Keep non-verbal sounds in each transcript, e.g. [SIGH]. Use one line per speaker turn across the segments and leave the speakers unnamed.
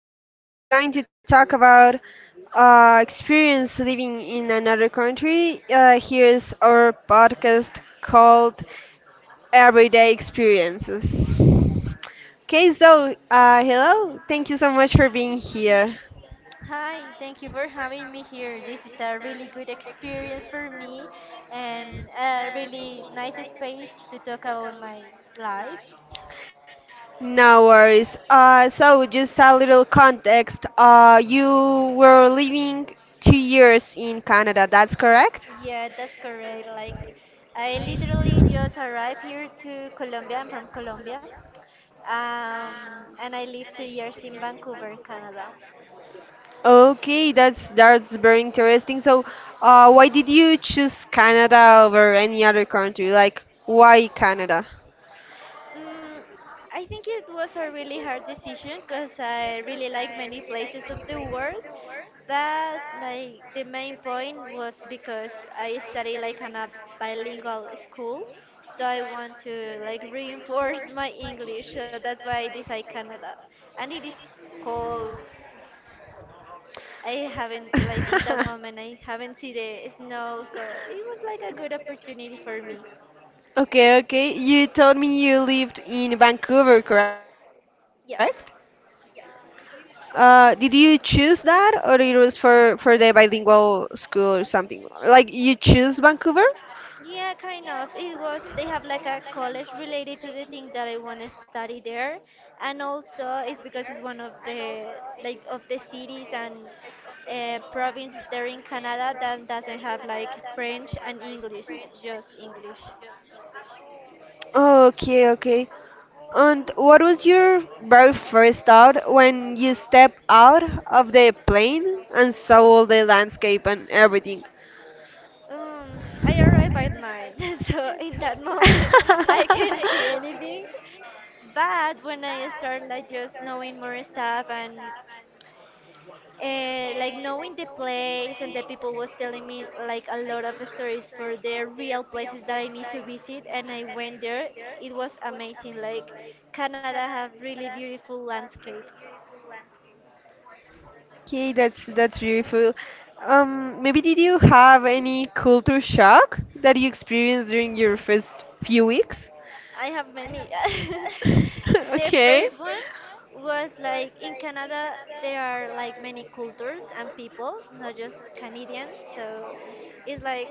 guest that is going to talk about experience living in another country. Here's our podcast called Everyday Experiences. Okay, so hello, thank you so much for being here.
Hi, thank you for having me here. This is a really good experience for me and a really nice space to talk about my life.
No worries. So just a little context. You were living 2 years in Canada, that's correct?
Yeah, that's correct. Like, I literally just arrived here to Colombia. I'm from Colombia. And I lived 2 years in Vancouver, Canada.
Okay, that's very interesting. So, why did you choose Canada over any other country? Like, why Canada?
Mm, I think it was a really hard decision because I really like many places of the world, but like the main point was because I study like in a bilingual school, so I want to like reinforce my English, so that's why I decided Canada, and it is cold. I haven't like in that moment I haven't seen the snow, so it was like
[LAUGHS]
a good opportunity for me.
Okay, okay. You told me you lived in Vancouver, correct?
Yeah.
Did you choose that, or it was for the bilingual school or something? Like you choose Vancouver?
Yeah, kind of. It was, they have like a college related to the thing that I want to study there. And also it's because it's one of the, like, of the cities and province there in Canada that doesn't have like French and English, just English.
Okay, okay. And what was your very first thought when you stepped out of the plane and saw all the landscape and everything?
I arrived at nine,
[LAUGHS]
[LAUGHS] so in that moment I can't see anything. But when I start like just knowing more stuff and like knowing the place and the people was telling me like a lot of stories for the real places that I need to visit and I went there, it was amazing. Like Canada have really beautiful landscapes.
Okay, that's beautiful. Maybe did you have any culture shock that you experienced during your first few weeks?
I have many. [LAUGHS]
[LAUGHS]
The
Okay.
first one was like in Canada there are like many cultures and people, not just Canadians, so it's like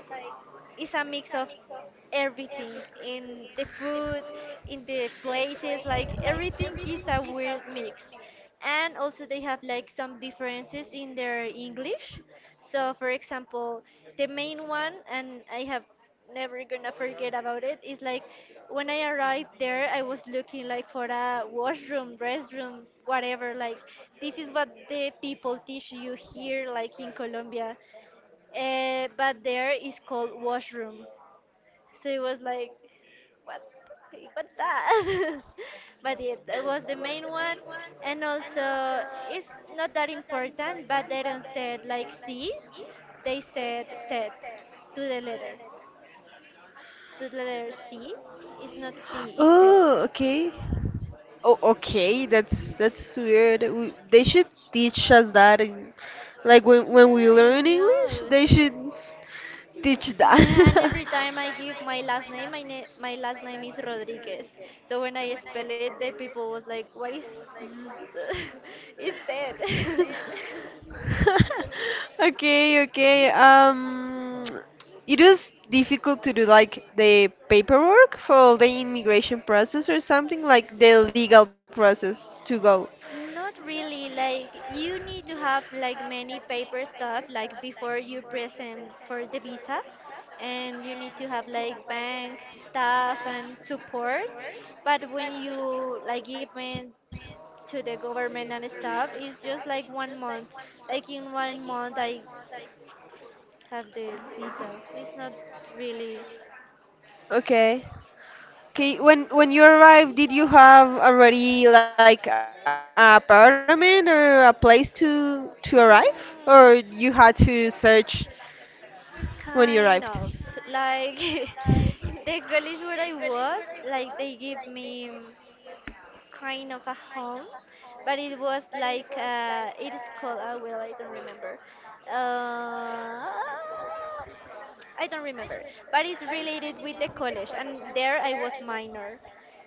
it's a mix of everything, in the food, in the places, like everything is a weird mix. And also they have like some differences in their English. So for example, the main one and I have never gonna forget about it is like when I arrived there I was looking like for a washroom, restroom, whatever, like this is what the people teach you here like in Colombia, but there is called washroom. So it was like, what, the heck, what that? [LAUGHS] But yeah, that was the main one. And also, it's not that important, but they don't say it like C, they said set to the letter. To the letter C, it's not C, it's set.
Oh, okay. Oh, okay. That's weird. They should teach us that in, like when we
Yeah, you
learn English,
know.
they should teach
Yeah, and every time I give my last name, my
that.
last name is Rodriguez. So when
[LAUGHS] [LAUGHS]
I spell it, the people was like, "What is [LAUGHS] is that?" [LAUGHS]
Okay, okay. It was difficult to do like the paperwork for the immigration process or something like the legal process to go.
Not really. Like you need to have like many paper stuff like before you present for the visa, and you need to have like bank stuff and support. But when you like give me to the government and stuff it's just like 1 month. Like in 1 month, I have the visa. It's not really.
Okay. Okay, when you arrived, did you have already like a apartment or a place to arrive,
Mm,
or you had to search when you arrived?
kind of. Like [LAUGHS] the college where I was, like they give me kind of a home, but it was like it is called. Oh well, I don't remember. Uh, I don't remember, but it's related with the college, and there I was minor,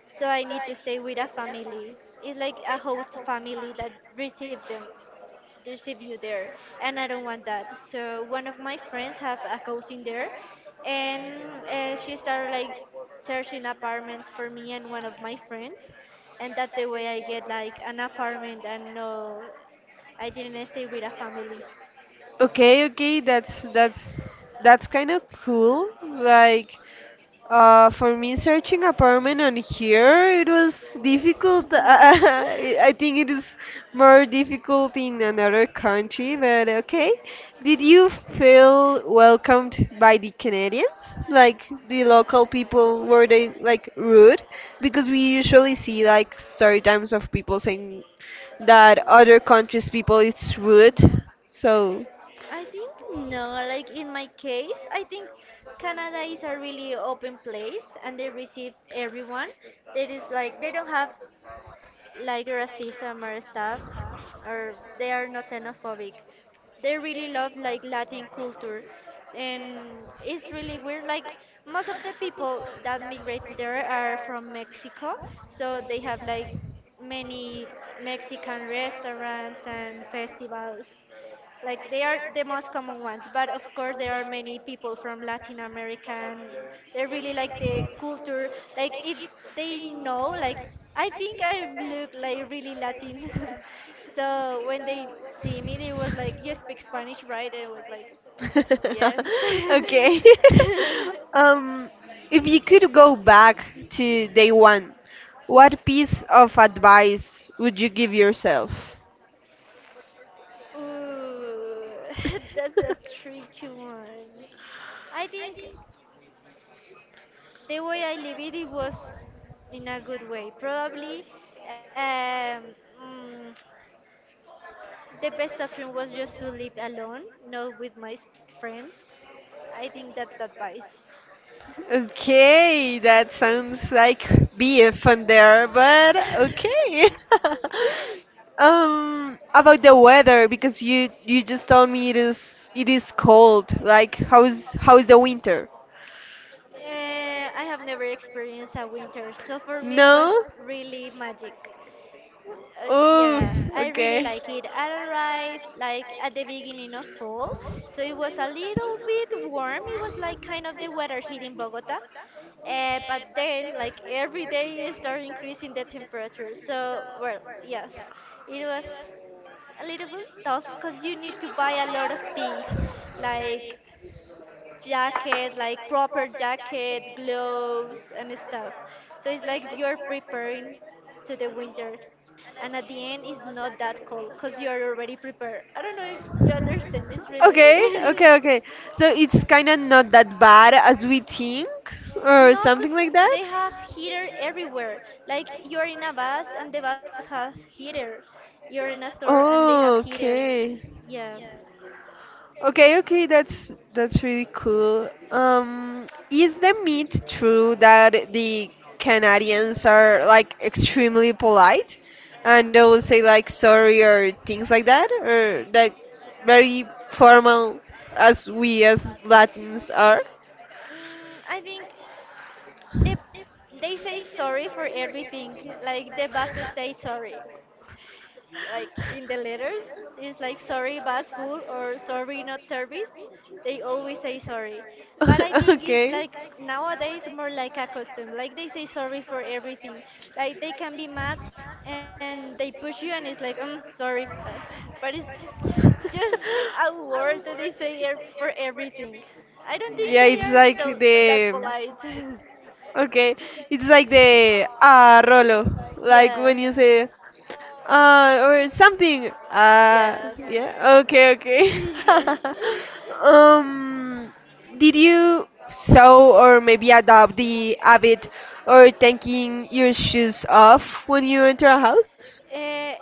so I need to stay with a family. It's like a host family that received them, there's a view there, and I don't want that. So one of my friends have a cousin there, and she started like searching apartments for me and one of my friends, and that's the way I get like an apartment. And no, I didn't stay with a family.
Okay, okay, that's kind of cool. Like, for me searching apartment on here, it was difficult. [LAUGHS]
[LAUGHS]
I think it is more difficult in another country, but okay. Did you feel welcomed by the Canadians? Like the local people, were they like rude? Because we usually see like story times of people saying that other countries people it's rude. So.
I think no. Like in my case, I think Canada is a really open place and they receive everyone. There is like they don't have like racism or stuff, or they are not xenophobic. They really love like Latin culture, and it's really weird. Like most of the people that migrate there are from Mexico, so they have like many Mexican restaurants and festivals. Like they are the most common ones, but of course there are many people from Latin America, and they really like the culture. Like if they know, like I think I look like really Latin, [LAUGHS] so when they see me they was like, you speak Spanish, right? And I was like, yes.
[LAUGHS] Okay. [LAUGHS]
[LAUGHS]
Um, if you could go back to day one, what piece of advice would you give yourself?
Ooh, [LAUGHS] that's a
[LAUGHS]
tricky one. I think the way I live it, it was in a good way. Probably um, mm, the best option was just to live alone, not with my s- friends. I think that's the advice.
Okay, that sounds like beef on there, but
[LAUGHS]
okay. [LAUGHS] About the weather, because you just told me it is cold. Like, how's the winter?
I have never experienced a winter, so for me it
No?
was really magic. Yeah, I really like it. I arrived like at the beginning of fall, so it was a little bit warm. It was like kind of the weather here in Bogota, but then like every day it started increasing the temperature. So well, yes, it was a little bit tough because you need to buy a lot of things like jacket, like proper jacket, gloves, and stuff. So it's like you're preparing to the winter, and at the end, it's not that cold because you are already prepared. I don't know if you understand, it's really
Okay,
weird. [LAUGHS]
okay, okay. So it's kind of not that bad as we think, or
No,
something
because
like that.
they have heater everywhere. Like you're in a bus and the bus has heater. You're in a store and they have
Oh,
heater.
okay.
Yeah.
Okay, okay, that's really cool. Is the myth true that the Canadians are like extremely polite and they will say like sorry or things like that, or like very formal as we as Latins are?
I think they, they say sorry for everything. Like the buses say sorry, like in the
[LAUGHS]
letters. It's like sorry bus full or sorry not service. They always say sorry, but I think
[LAUGHS]
it's
Okay.
like nowadays more like a custom. Like they say sorry for everything. Like they can be mad and they push you and it's like sorry. uh, but it's just a word that they say for
[LAUGHS]
everything. I don't think
Yeah,
they
it's
are
like
tho- that
the.
polite.
Okay, it's like the ah Rolo,
[LAUGHS]
like
Yeah.
when you say or something.
Yeah.
Yeah. Okay,
[LAUGHS]
okay.
Yeah.
[LAUGHS] um, did you sew or maybe adopt the habit or taking your shoes off when you enter a house?
Uh,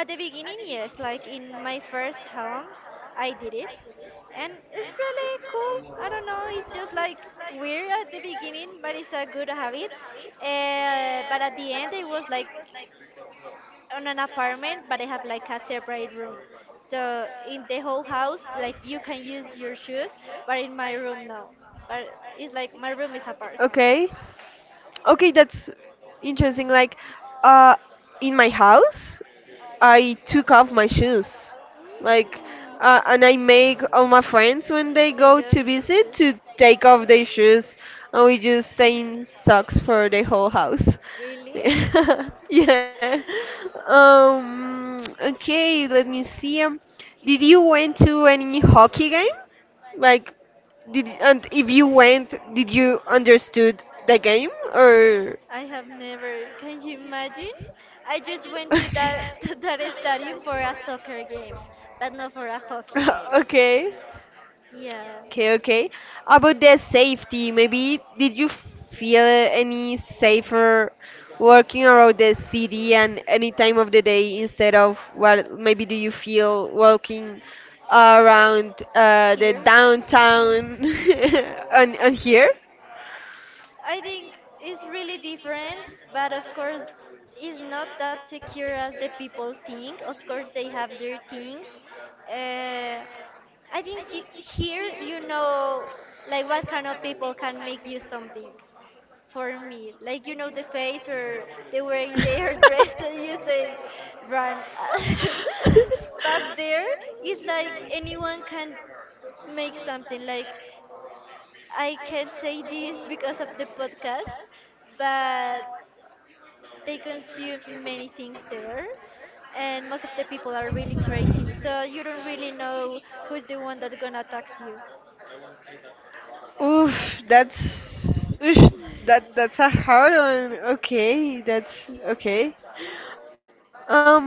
at the beginning, yes, like in my first home, I did it. And it's really cool. I don't know, it's just like weird at the beginning, but it's a good habit. But at the end, I was like on an apartment, but I have like a separate room. So in the whole house, like you can use your shoes, but in my room, no. But it's like my room is apart.
Okay. Okay, that's interesting. Like, uh, in my house, I took off my shoes,
Uh,
like,
and
and I make
Mm.
all my
take Mm.
friends when they
off Take
go to
the shoes,
visit
shoes.
to take off their shoes, and we just stay in socks for the whole house.
Really?
[LAUGHS] Yeah. Okay. Let me see. Did you went to any hockey game? Like did and if you went, did you understood the game or?
I have never. Can you imagine? I just went to that [LAUGHS]
[LAUGHS]
to that stadium for a soccer game, but not for a hockey game.
Okay.
Yeah.
Okay, okay. About the safety, maybe did you feel any safer working around the city and any time of the day instead of what maybe do you feel walking around the downtown [LAUGHS] on here?
I think it's really different, but of course, it's not that secure as the people think. Of course, they have their things. Uh, I think you, here you know, like what kind of people can make you something. For me, like you know the face or the way they are [LAUGHS] dressed, and you say, "Run." [LAUGHS]
[LAUGHS]
But there, it's like anyone can make something. Like I can't say this because of the podcast, but they consume many things there, and most of the people are really crazy. So you don't really know who's the one that's gonna attack you.
Oof, that's oof, that's a hard one. Okay, that's okay. Um,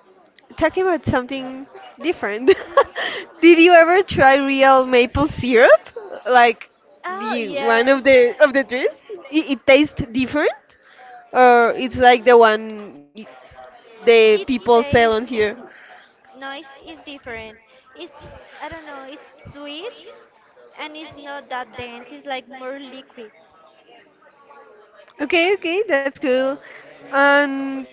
Talking about something different, [LAUGHS] did you ever try real maple syrup? Like the
Oh
one of
yes,
the of the trees? It tastes different,
Mm,
or it's like the one
it
the people sell
tastes
on here.
nice. It's different. It's, I don't know. It's sweet, and it's not that dense. It's like more liquid.
Okay, okay, that's cool. And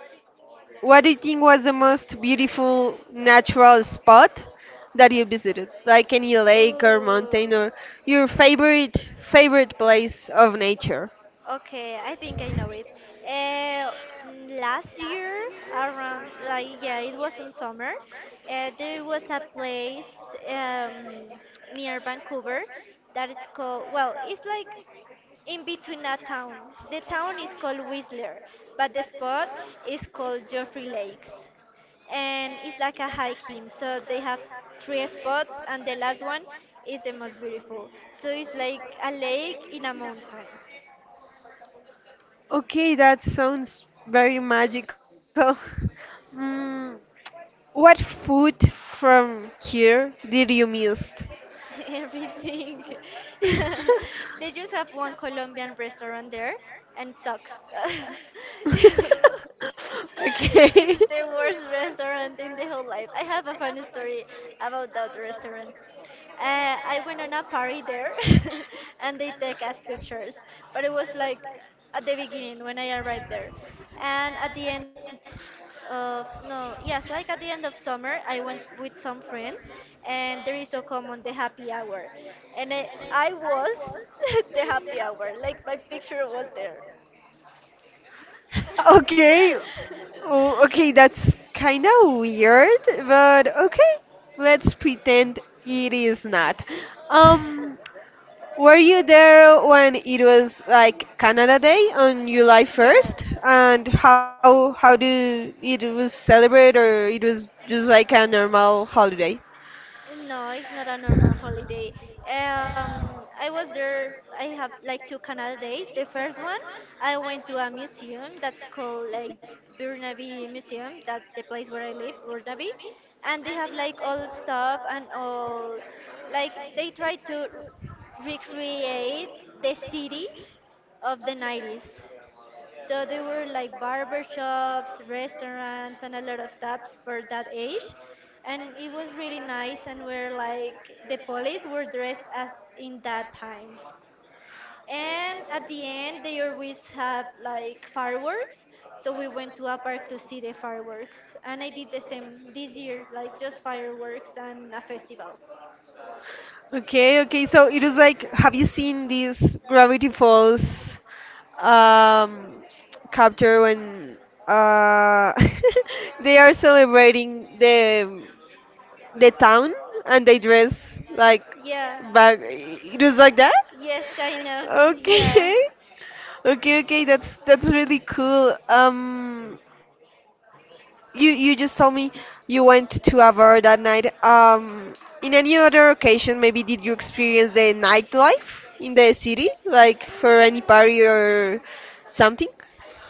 what do you think was the most beautiful natural spot that you visited? Like any lake or mountain or
Ooh.
your favorite place of nature?
Okay, I think I know it. Uh, last year, around, like yeah, it was in summer. There was a place, near Vancouver that is called, well, it's like in between a town. The town is called Whistler, but the spot is called Joffrey Lakes, and it's like a hiking. So they have three spots, and the last one is the most beautiful. So it's like a lake in a mountain.
Okay, that sounds very magical. [LAUGHS] Mm, what food from here did you miss?
[LAUGHS] Everything. [LAUGHS] They just have one Colombian restaurant there and sucks. [LAUGHS] It's the worst restaurant in the whole life. I have a funny story about that restaurant. I went on a party there [LAUGHS] and they take us pictures, but it was like at the beginning when I arrived there. And at the end, no, yes, like at the end of summer, I went with some
[LAUGHS]
friends, and there is so common the happy hour, and I was [LAUGHS] the happy hour.
[LAUGHS]
Like my picture was there.
Okay. Oh, okay, that's kind of weird, but okay. Let's pretend it is not. Um,
[LAUGHS]
were you there when it was like Canada Day on July
Yeah.
1st? And how do it was celebrated or it was just like a normal holiday?
No, it's not a normal holiday. I was there. I have like two Canada days. The first one, I went to a museum that's called like Burnaby Museum. That's the place where I live, Burnaby, and they have like all stuff and all. Like they try to recreate the city of the 90s. So they were like barber shops, restaurants, and a lot of stops for that age. And it was really nice, and we're like, the police were dressed as in that time. And at the end, they always have like fireworks. So we went to a park to see the fireworks. And I did the same this year, like just fireworks and a festival.
Okay, okay. So it is like, have you seen these Gravity Falls um, capture when uh, [LAUGHS] they are celebrating the town and they dress like
Yeah.
back? It was like that?
Yes, kind of. Yeah.
Okay, [LAUGHS] okay, okay. That's really cool. You just told me you went to a bar that night. In any other occasion, maybe did you experience the nightlife in the city, like for any party
Mm,
or something?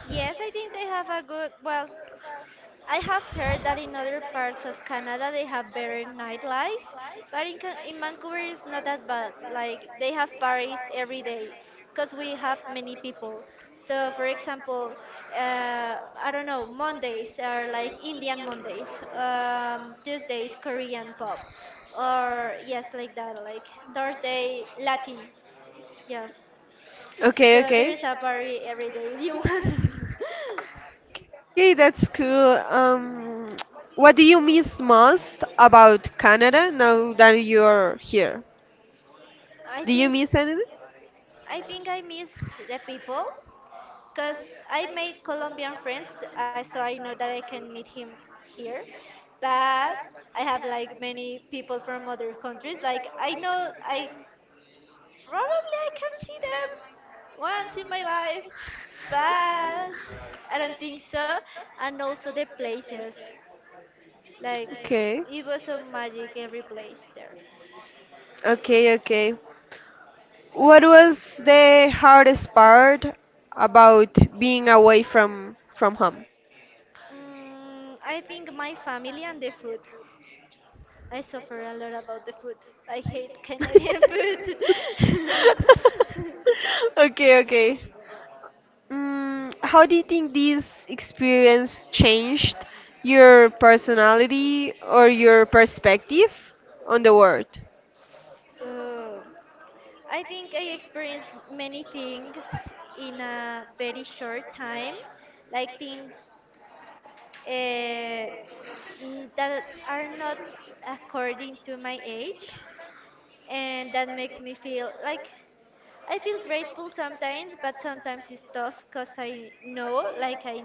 yes, I think they have a good, I have heard that in other parts of Canada they have better nightlife, but in Vancouver it's not that bad. Like they have parties every day because we have many people. So, for example, I don't know, Mondays are like Indian Mondays, Tuesdays, Korean pop, or yes, like that, like Thursday, Latin. Yeah.
Okay,
So there is
okay.
a party every day if you want. [LAUGHS]
Okay, that's cool. What do you miss most about Canada now that you're here?
I
Do you
think
miss anything?
I think I miss the people because I made Colombian friends, so I know that I can meet him here. But I have like many people from other countries. Like I know I probably I can see them once in my life, but I don't think so. And also the places, like
Okay,
it was so magic every place there.
okay, okay. What was the hardest part about being away from home?
I think my family and the food. I suffer a lot about the food. I hate Canadian
[LAUGHS]
food. [LAUGHS]
Okay, okay. How do you think this experience changed your personality or your perspective on the world?
Uh, I think I experienced many things in a very short time, like things uh, that are not according to my age, and that makes me feel like I feel grateful sometimes, but sometimes it's tough because I know like I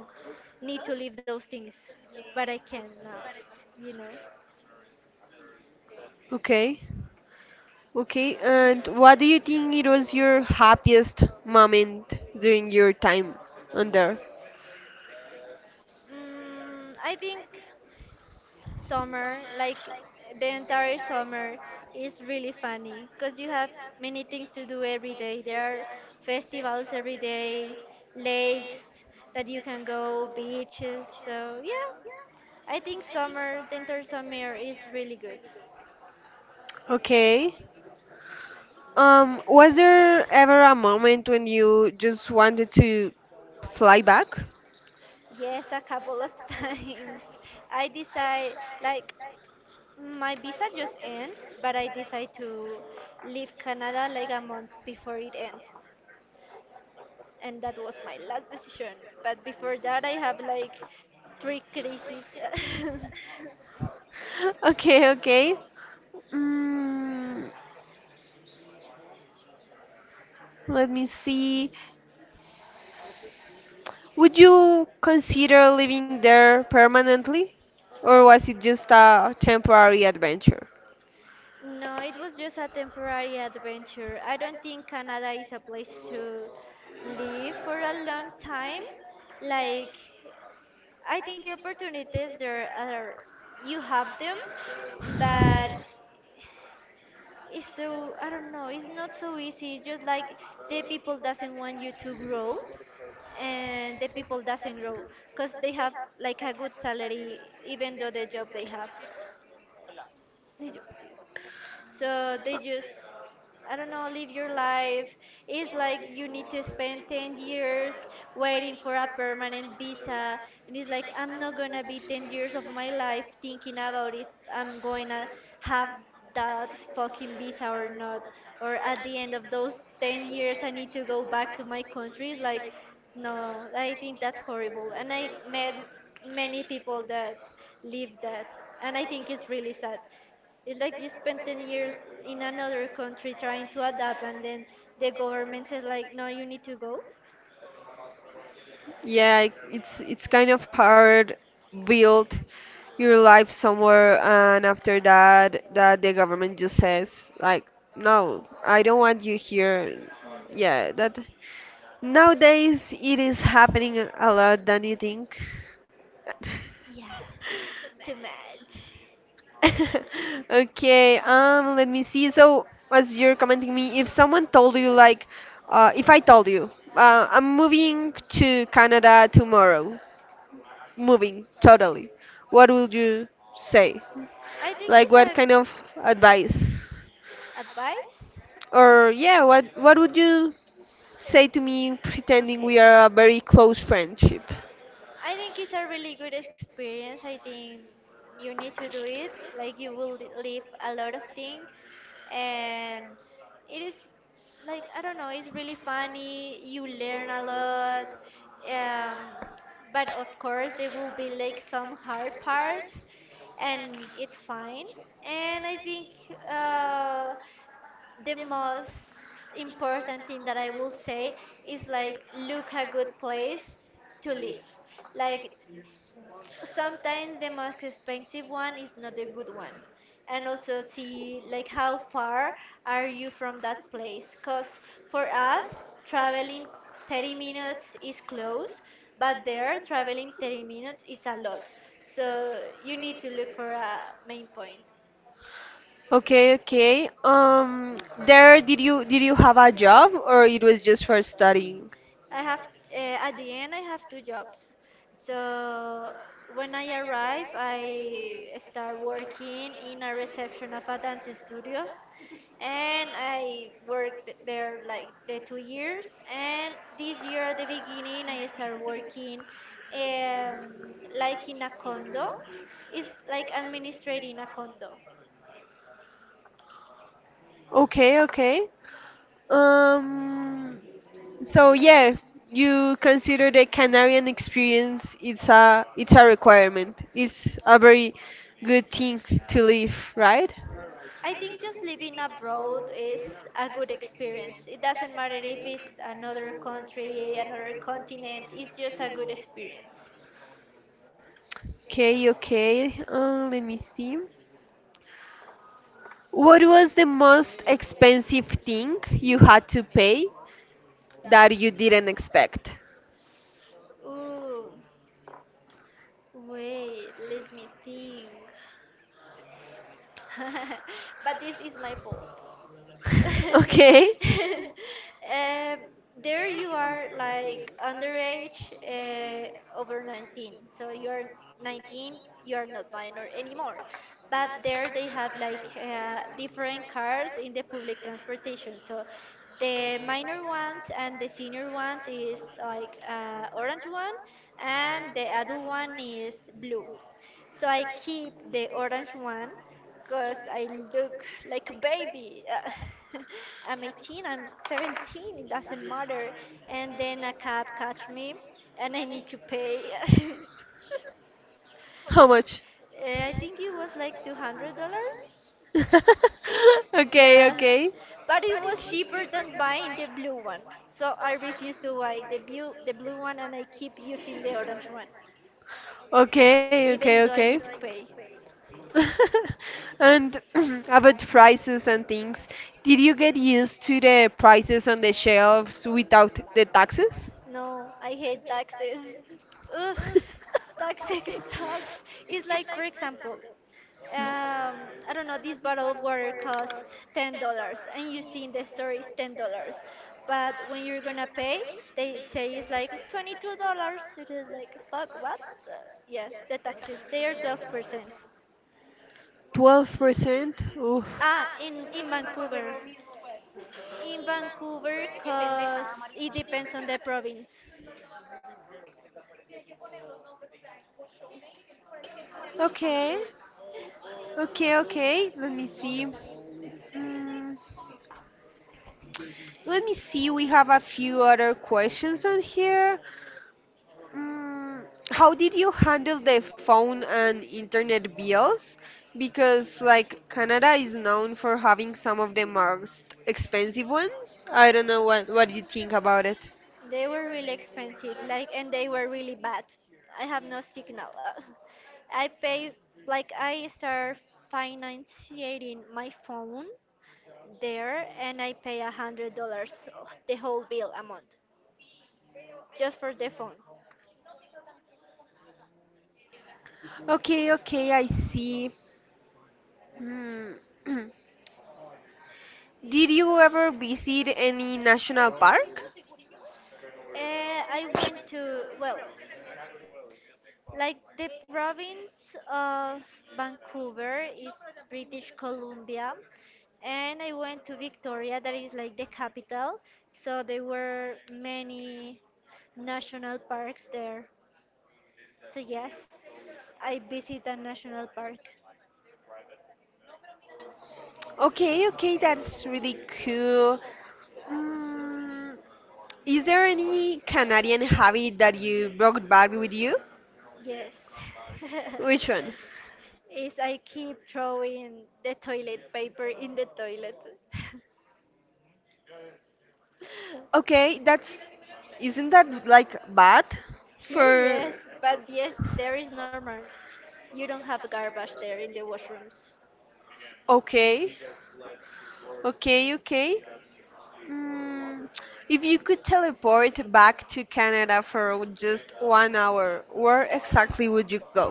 need to leave those things, but I can't now, you know.
Okay, okay. And what do you think it was your happiest moment during your time on there?
I think summer, like the entire summer, is really funny because you have many things to do every day. There are festivals every day, lakes that you can go, beaches. So, yeah, I think summer, the entire summer is really good.
Okay. Was there ever a moment when you just wanted to fly back? [LAUGHS]
Yes, a couple of [LAUGHS] times. I decide, like, my visa just ends, but I decide to leave Canada like a month before it ends. And that was my last decision. But before that, I have like three crises. [LAUGHS]
Okay, okay. Mm, let me see. Would you consider living there permanently? Or was it just a temporary adventure?
No, it was just a temporary adventure. I don't think Canada is a place to live for a long time. Like, I think the opportunities there are you have them, but it's so I don't know. It's not so easy. It's just like the people doesn't want you to grow, and the people doesn't grow because they have like a good salary even though the job they have. They do- sí. So they just I don't know, live your life. It's like you need to spend 10 years waiting for a permanent visa. And it's like, I'm not gonna be 10 years of my life thinking about if I'm gonna have that fucking visa or not. Or at the end of those 10 years, I need to go back to my country. It's like, no, I think that's horrible. And I met many people that live that. And I think it's really sad. It's like you spend 10 years in another country trying to adapt, and then the government says, like, no, you need to go.
Yeah, it's kind of hard build your life somewhere and after that the government just says like no, I don't want you here.
Mm.
Yeah, that nowadays it is happening a lot than you think.
Yeah,
[LAUGHS]
too much.
[LAUGHS] Okay, let me see. So, as you're commenting me, if someone told you, like, if I told you, I'm moving to Canada tomorrow, moving totally, what would you say?
I think
Like,
it's
what
a
kind of advice?
advice.
Or yeah, what would you say to me, pretending
Okay.
we are a very close friendship?
I think it's a really good experience. I think you need to do it. Like you will li- leave a lot of things, and it is like I don't know. It's really funny. You learn a lot. Um, but of course there will be like some hard parts, and it's fine. And I think uh, the most important thing that I will say is like look a good place to live. Like sometimes the most expensive one is not a good one. And also see like how far are you from that place cuz for us traveling 30 minutes is close, but there traveling 30 minutes is a lot. So you need to look for a main point.
Okay, okay. There, did you have a job or it was just for studying?
I have uh, at the end I have two jobs. So when I arrive, I start working in a reception of a dance studio, and I worked there like the 2 years. And this year at the beginning, I start working um, like in a condo. It's like administrating a condo.
Okay, okay. Um, so yeah, you consider the Canarian experience. It's a requirement. It's a very good thing to live, right?
I think just living abroad is a good experience. It doesn't matter if it's another country, another continent, it's just a good experience.
Okay, okay. Let me see. What was the most expensive thing you had to pay that you didn't expect?
Ooh, wait, let me think. [LAUGHS] But this is my fault. [LAUGHS]
[LAUGHS] Okay,
um, there you are like underage over 19 so you're 19 you are not minor anymore but there they have like different cars in the public transportation so the minor ones and the senior ones is like orange one and the adult one is blue so I keep the orange one because I look like a baby. [LAUGHS] I'm 18, I'm 17, it doesn't matter. And then a cab catch me and I need to pay. [LAUGHS]
how much?
Eh, I think it was like $200.
[LAUGHS] Okay,
Yeah.
okay.
But it was cheaper than buying the blue one. So I refuse to buy the blue one and I keep using the orange one,
Okay, okay,
even though I
okay.
need to pay.
[LAUGHS] And [CLEARS THROAT] about prices and things, did you get used to the prices on the shelves without the taxes?
No, I hate taxes. Ugh,
[LAUGHS]
taxes [LAUGHS] sucks. It's like, for example, um, I don't know, this bottle of water costs $10, and you see in the store it's $10, but when you're gonna pay, they say it's like $22. It is like fuck what? Uh, yeah, the taxes they are 12%.
12%? Oof.
Ah, in Vancouver, in Vancouver, cause it depends on the province.
Okay, okay, okay. Let me see. Mm, let me see. We have a few other questions on here. Mm, how did you handle the phone and internet bills? Because like Canada is known for having some of the most expensive ones. I don't know what you think about it.
They were really expensive, like, and they were really bad. I have no signal. [LAUGHS] I pay, like, I start financing my phone there, and I pay $100, the whole bill a month, just for the phone.
Okay, okay, I see. Hmm. [CLEARS THROAT] Did you ever visit any national park?
I went to well. Like the province of Vancouver is British Columbia, and I went to Victoria, that is like the capital. So there were many national parks there. So yes, I visit a national park.
Okay, okay, that's really cool. Mm, is there any Canadian habit that you brought back with you?
Yes.
Which one?
[LAUGHS] Is I keep throwing the toilet paper in the toilet. [LAUGHS]
Okay, that's isn't that like bad
Here,
for
yes, but yes, there is normal. You don't have garbage there in the washrooms.
okay, okay, okay. Mm, if you could teleport back to Canada for just one hour, where exactly would you go?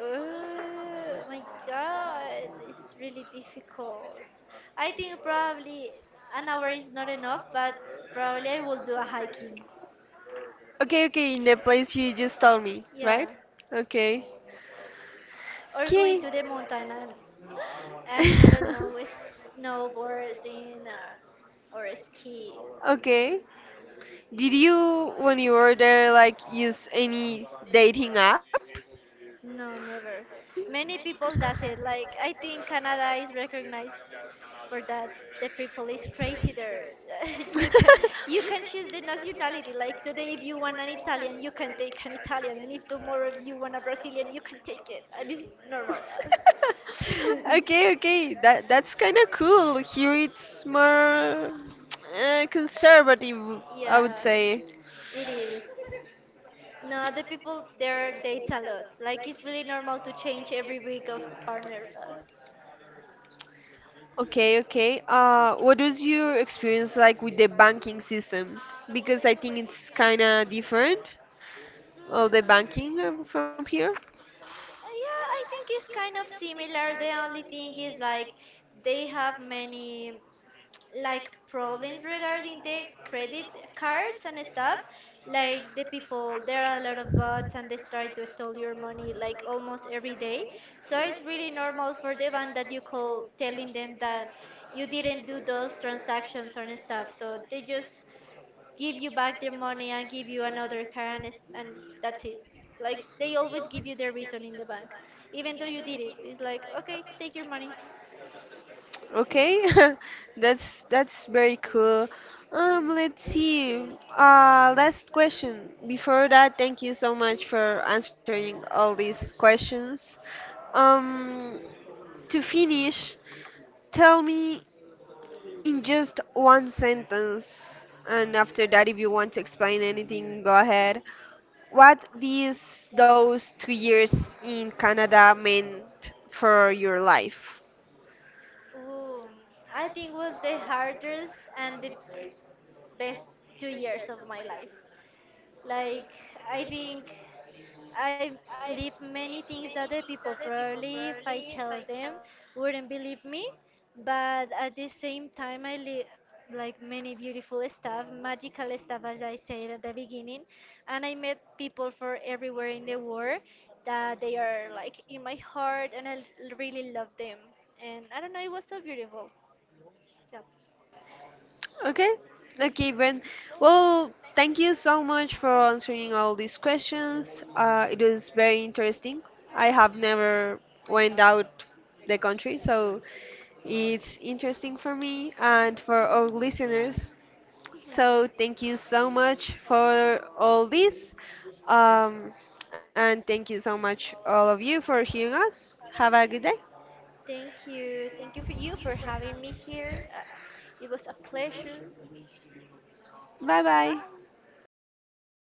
Oh my god, it's really difficult. I think probably an hour is not enough, but probably I will do a hiking.
Okay, okay, in the place you just told me,
Yeah,
right? Okay.
or going
Okay.
to the mountain and I don't know,
[LAUGHS]
snowboarding or ski.
Okay. Did you, when you were there, like use any dating app? [LAUGHS]
No, never. Many people does it. Like I think Canada is recognized for that. The people is crazy there. [LAUGHS] you can
[LAUGHS]
you can choose the nationality. Like today, if you want an Italian, you can take an Italian, and if tomorrow if you want a Brazilian, you can take it. And it's normal.
Okay,
[LAUGHS]
okay, that's kind of cool. Here it's more conservative, I would
Yeah,
say.
it is. No, the people there dates a lot. Like it's really normal to change every week of partner.
Okay, okay. What was your experience like with the banking system? Because I think it's kind of different, all the
Mm,
banking from here.
Yeah, I think it's kind of similar. The only thing is like they have many [TSK] like problems regarding the credit cards and stuff. Like the people, there are a lot of bots and they try to steal your money like almost every day. So it's really normal for the one that you call telling them that you didn't do those transactions and stuff. So they just give you back their money and give you another car and that's it, like they always give you the reason in the bank even though you did it. It's like, okay, take your money.
Okay, [LAUGHS] that's very cool. Let's see. Last question. Before that, thank you so much for answering all these questions. Um, to finish, tell me in just one sentence, and after that, if you want to explain anything, go ahead. What these those 2 years in Canada meant for your life?
Ooh, I think was the hardest and the best 2 years of my life. Like, I think I've lived many things that the people probably, if I tell them, wouldn't believe me. But at the same time, I live like many beautiful stuff, magical stuff, as I said at the beginning. And I met people from everywhere in the world that they are like in my heart, and really love them. And I don't know, it was so beautiful.
Okay, okay, Brent. Well, thank you so much for answering all these questions. It was very interesting. I have never went out the country, so it's interesting for me and for our listeners.
Yeah. [LAUGHS]
So thank you so much for all this. Um, and thank you so much all of you for hearing us. Have a good day.
Thank you. Thank you for having me here. It was a pleasure.
Bye bye.
Bye.